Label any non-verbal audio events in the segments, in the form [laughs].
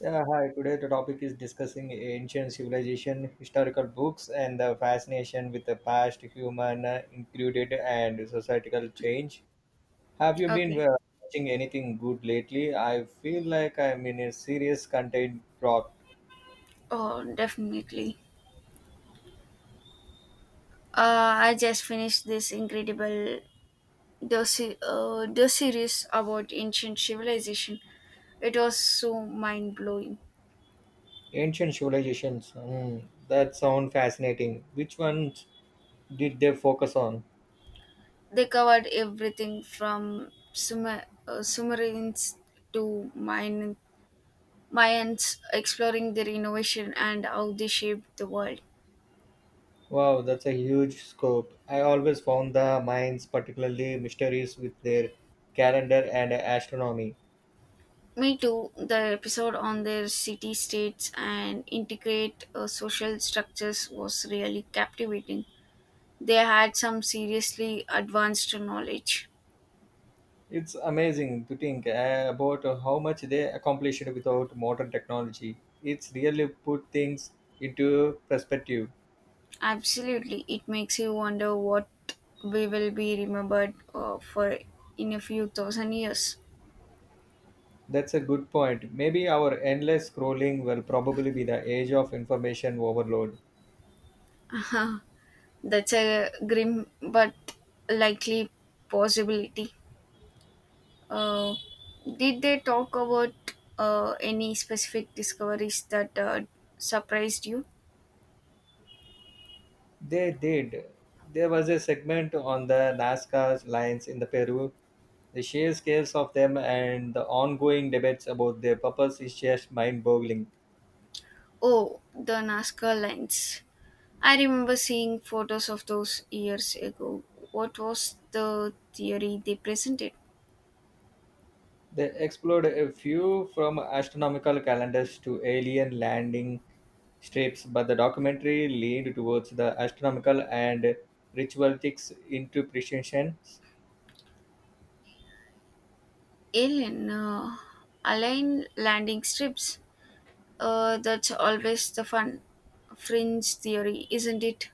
Yeah, hi. Today the topic is discussing ancient civilization, historical books, and the fascination with the past, human included, and societal change. Have you been Okay. Watching anything good lately? I feel like I'm in a serious content drought. Oh, definitely. I just finished this incredible the series about ancient civilization. It was so mind-blowing. Ancient civilizations. Hmm, that sound fascinating. Which ones did they focus on? They covered everything from Sumerians to Mayans, exploring their innovation and how they shaped the world. Wow, that's a huge scope. I always found the mines particularly mysterious with their calendar and astronomy. Me too, the episode on their city states and integrate social structures was really captivating. They had some seriously advanced knowledge. It's amazing to think about how much they accomplished without modern technology. It's really put things into perspective. Absolutely, it makes you wonder what we will be remembered for in a few thousand years. That's a good point. Maybe our endless scrolling will probably be the age of information overload. [laughs] That's a grim but likely possibility. Uh, did they talk about any specific discoveries that surprised you? They did. There was a segment on the Nazca lines in the Peru. The sheer scales of them and the ongoing debates about their purpose is just mind-boggling. Oh, the Nazca lines. I remember seeing photos of those years ago. What was the theory they presented? They explored a few from astronomical calendars to alien landing shapes, but the documentary leaned towards the astronomical and ritualistic interpretation. Alien, align landing strips. That's always the fun fringe theory, isn't it?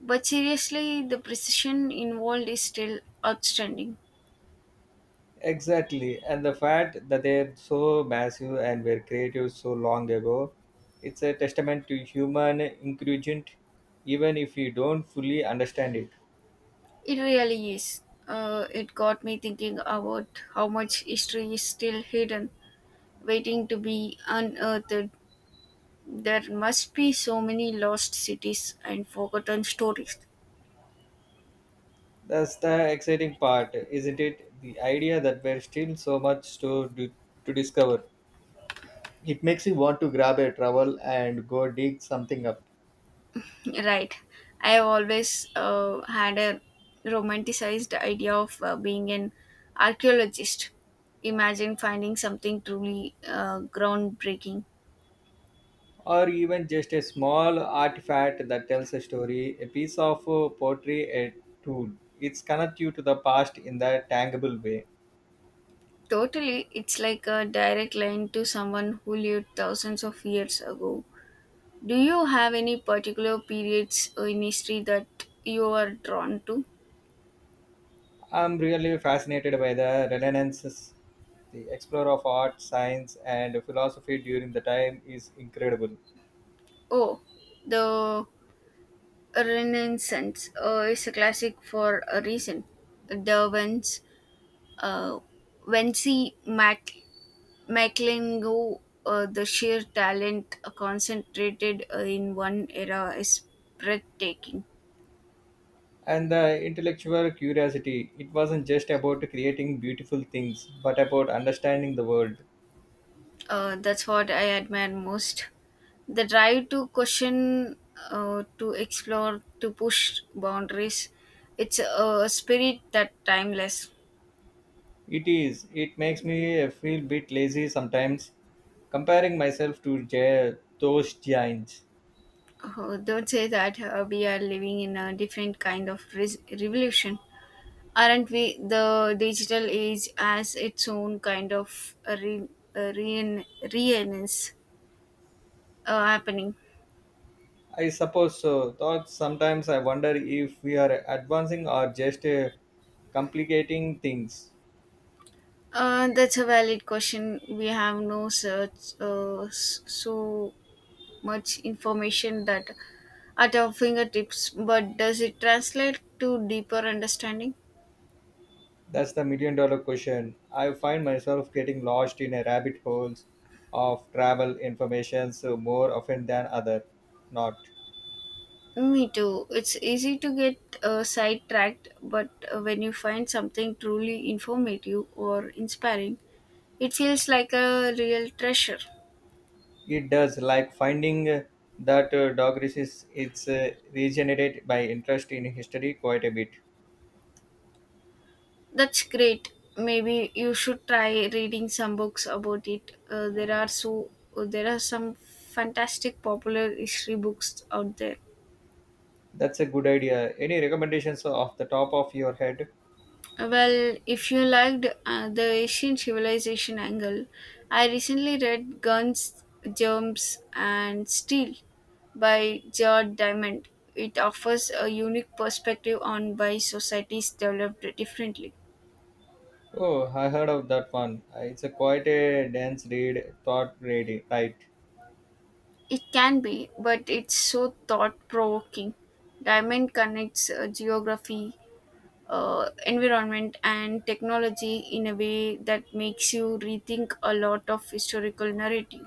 But seriously, the precision involved is still outstanding. Exactly, and the fact that they're so massive and were created so long ago, it's a testament to human ingredient, even if you don't fully understand it. It really is. It got me thinking about how much history is still hidden, waiting to be unearthed. There must be so many lost cities and forgotten stories. That's the exciting part, isn't it? The idea that there's still so much to discover. It makes you want to grab a trowel and go dig something up. Right. I have always had a romanticized idea of being an archaeologist. Imagine finding something truly groundbreaking. Or even just a small artifact that tells a story, a piece of pottery, a tool. It's connect you to the past in that tangible way. Totally, it's like a direct line to someone who lived thousands of years ago. Do you have any particular periods in history that you are drawn to? I'm really fascinated by the resonances. The explorer of art, science, and philosophy during the time is incredible. Oh, the Renaissance is a classic for a reason. The Vence, uh, Vinci Maclingo, the sheer talent concentrated in one era is breathtaking. And the intellectual curiosity, it wasn't just about creating beautiful things, but about understanding the world. That's what I admire most. The drive to question, to explore, to push boundaries. It's a spirit that timeless. It is. It makes me feel bit lazy sometimes, comparing myself to those giants. Oh, don't say that. We are living in a different kind of revolution, aren't we? The digital age has its own kind of a renaissance happening. I suppose so. Thought sometimes I wonder if we are advancing or just complicating things. That's a valid question. We have no such so much information that at our fingertips, but does it translate to deeper understanding? That's the million dollar question. I find myself getting lost in a rabbit holes of travel information so more often than other. Not. Me too. It's easy to get sidetracked, but when you find something truly informative or inspiring, it feels like a real treasure. It does like finding. That dog races it's regenerated by interest in history quite a bit. That's great. Maybe you should try reading some books about it. There are some fantastic popular history books out there. That's a good idea. Any recommendations off the top of your head? Well, if you liked the Asian civilization angle, I recently read Guns, Germs, and Steel by George Diamond. It offers a unique perspective on why societies developed differently. Oh, I heard of that one. It's a quite a dense read, thought reading, right? It can be, but it's so thought provoking. Diamond connects geography, environment, and technology in a way that makes you rethink a lot of historical narrative.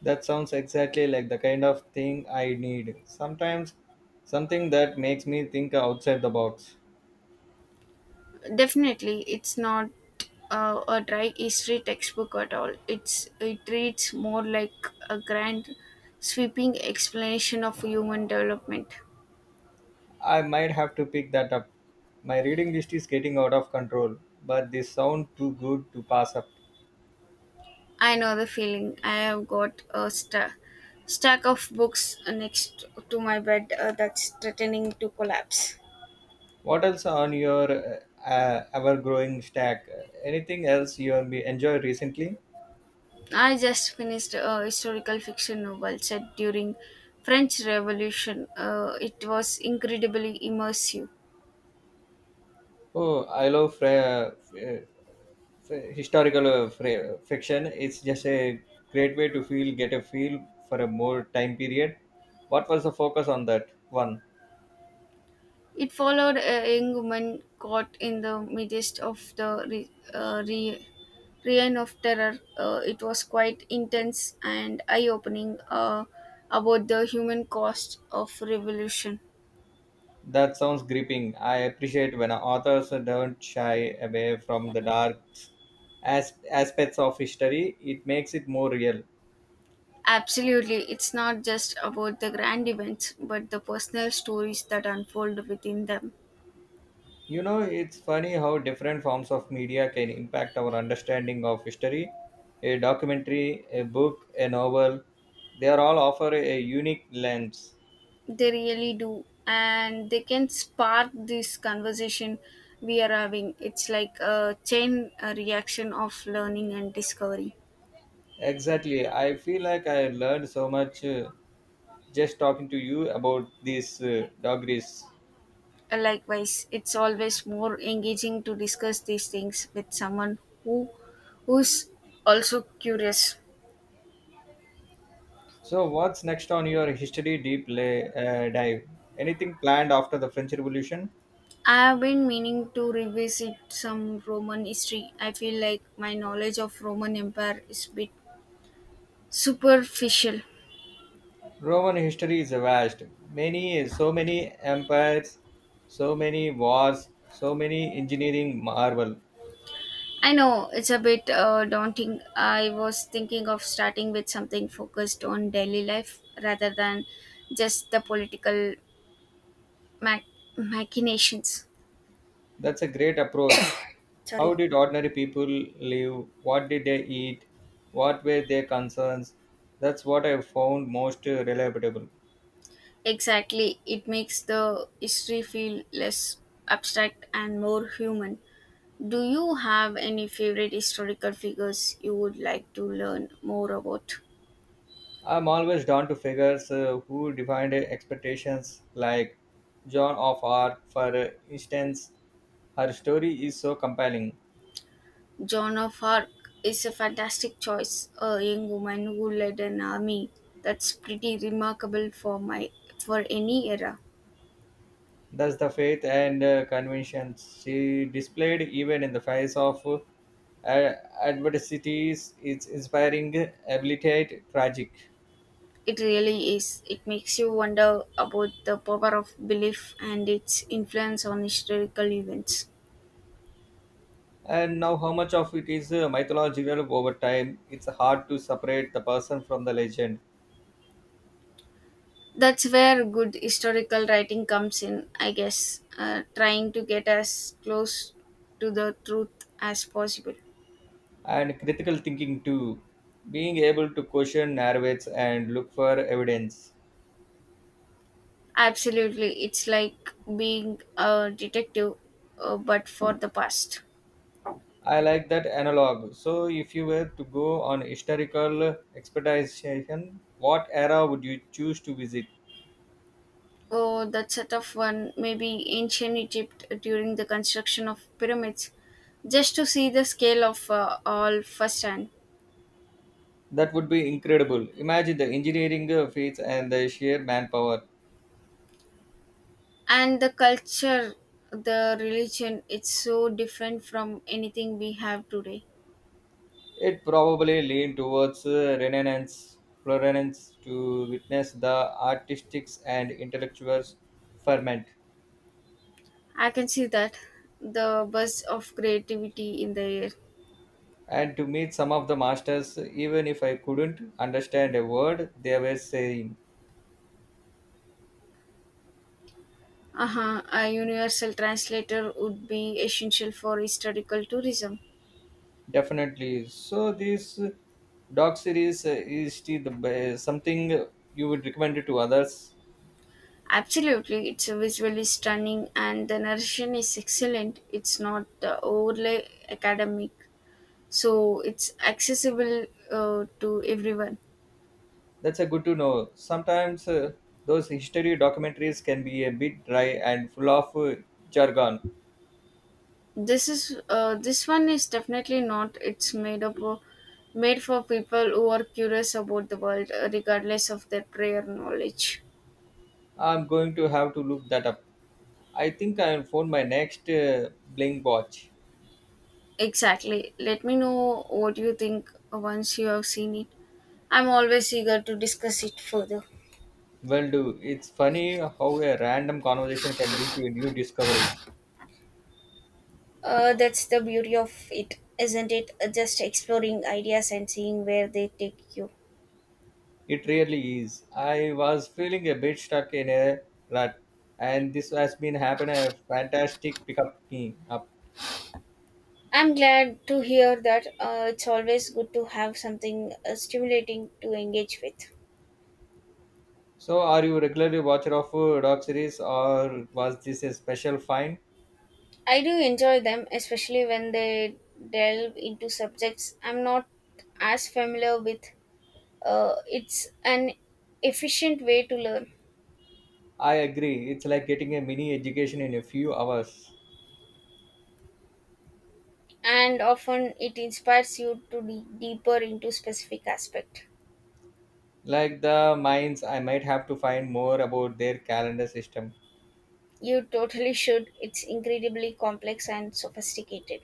That sounds exactly like the kind of thing I need. Sometimes something that makes me think outside the box. Definitely, it's not a dry history textbook at all. It reads more like a grand, sweeping explanation of human development. I might have to pick that up. My reading list is getting out of control, but they sound too good to pass up. I know the feeling. I have got a stack of books next to my bed that's threatening to collapse. What else on your ever-growing stack? Anything else you have enjoyed recently? I just finished a historical fiction novel set during French Revolution. It was incredibly immersive. Oh, I love historical fiction. It's just a great way to get a feel for a more time period. What was the focus on that one? It followed a young woman caught in the midst of the reign of terror. It was quite intense and eye opening about the human cost of revolution. That sounds gripping. I appreciate when authors don't shy away from the dark aspects of history. It makes it more real. Absolutely, it's not just about the grand events, but the personal stories that unfold within them. You know, it's funny how different forms of media can impact our understanding of history. A documentary, a book, a novel, they are all offer a unique lens. They really do, and they can spark this conversation we are having. It's like a chain reaction of learning and discovery. Exactly. I feel like I learned so much just talking to you about these degrees. Likewise, it's always more engaging to discuss these things with someone who's also curious. So, what's next on your history deep dive? Anything planned after the French Revolution? I have been meaning to revisit some Roman history. I feel like my knowledge of Roman Empire is a bit superficial. Roman history is vast. Many, so many empires, so many wars, so many engineering marvel. I know it's a bit daunting. I was thinking of starting with something focused on daily life rather than just the political mach- machinations. That's a great approach. How Sorry. did ordinary people live? What did they eat? What were their concerns? That's what I found most relatable. Exactly. It makes the history feel less abstract and more human. Do you have any favorite historical figures you would like to learn more about? I'm always drawn to figures who defined expectations, like Joan of Arc, for instance. Her story is so compelling. Joan of Arc is a fantastic choice, a young woman who led an army. That's pretty remarkable for any era. Thus, the faith and conviction she displayed, even in the face of uh, adversities, is inspiring, abilitate, tragic. It really is. It makes you wonder about the power of belief and its influence on historical events. And now, how much of it is mythological over time? It's hard to separate the person from the legend. That's where good historical writing comes in, I guess, trying to get as close to the truth as possible. And critical thinking, too, being able to question narratives and look for evidence. Absolutely, it's like being a detective, but for the past. I like that analog. So, if you were to go on historical expedition, what era would you choose to visit? Oh, that's a tough one. Maybe ancient Egypt during the construction of pyramids, just to see the scale of all firsthand. That would be incredible. Imagine the engineering feats and the sheer manpower. And the culture, the religion, it's so different from anything we have today. It probably leaned towards Renaissance Florence to witness the artistics and intellectuals ferment I can see that the buzz of creativity in the air. and to meet some of the masters even if I couldn't understand a word they were saying. Uh-huh, a universal translator would be essential for historical tourism. Definitely. So this doc series is still the something you would recommend it to others. Absolutely, it's a visually stunning and the narration is excellent. It's not the overly academic, so it's accessible to everyone. That's a good to know. Sometimes those history documentaries can be a bit dry and full of jargon. This one is definitely not. It's made up of, made for people who are curious about the world, regardless of their prior knowledge. I'm going to have to look that up. I think I'll phone my next Blink watch. Exactly. Let me know what you think once you have seen it. I'm always eager to discuss it further. Well, do it's funny how a random conversation can lead to new discoveries. That's the beauty of it, isn't it? Just exploring ideas and seeing where they take you. It really is. I was feeling a bit stuck in a rut, and this has been happening a fantastic pickup me up. I'm glad to hear that, it's always good to have something stimulating to engage with. So, are you regularly watcher of dog series, or was this a special find? I do enjoy them, especially when they delve into subjects I'm not as familiar with. It's an efficient way to learn. I agree. It's like getting a mini education in a few hours. And often it inspires you to dig deeper into specific aspect. Like the mines, I might have to find more about their calendar system. You totally [laughs] should, it's incredibly complex and sophisticated,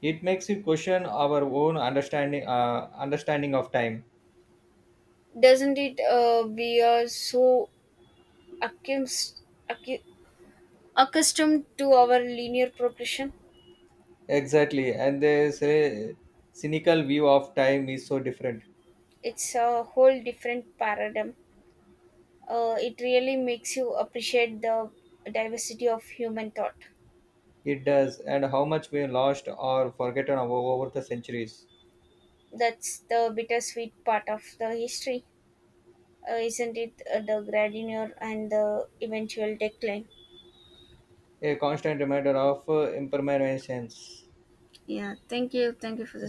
It makes you question our own understanding of time. doesn't it? We are so accus- accu- accustomed to our linear progression. Exactly, and this cynical view of time is so different. It's a whole different paradigm. It really makes you appreciate the diversity of human thought. It does, and how much we lost or forgotten over the centuries. That's the bittersweet part of the history, isn't it? The grandeur and the eventual decline. A constant reminder of impermanence. Yeah, thank you. Thank you for the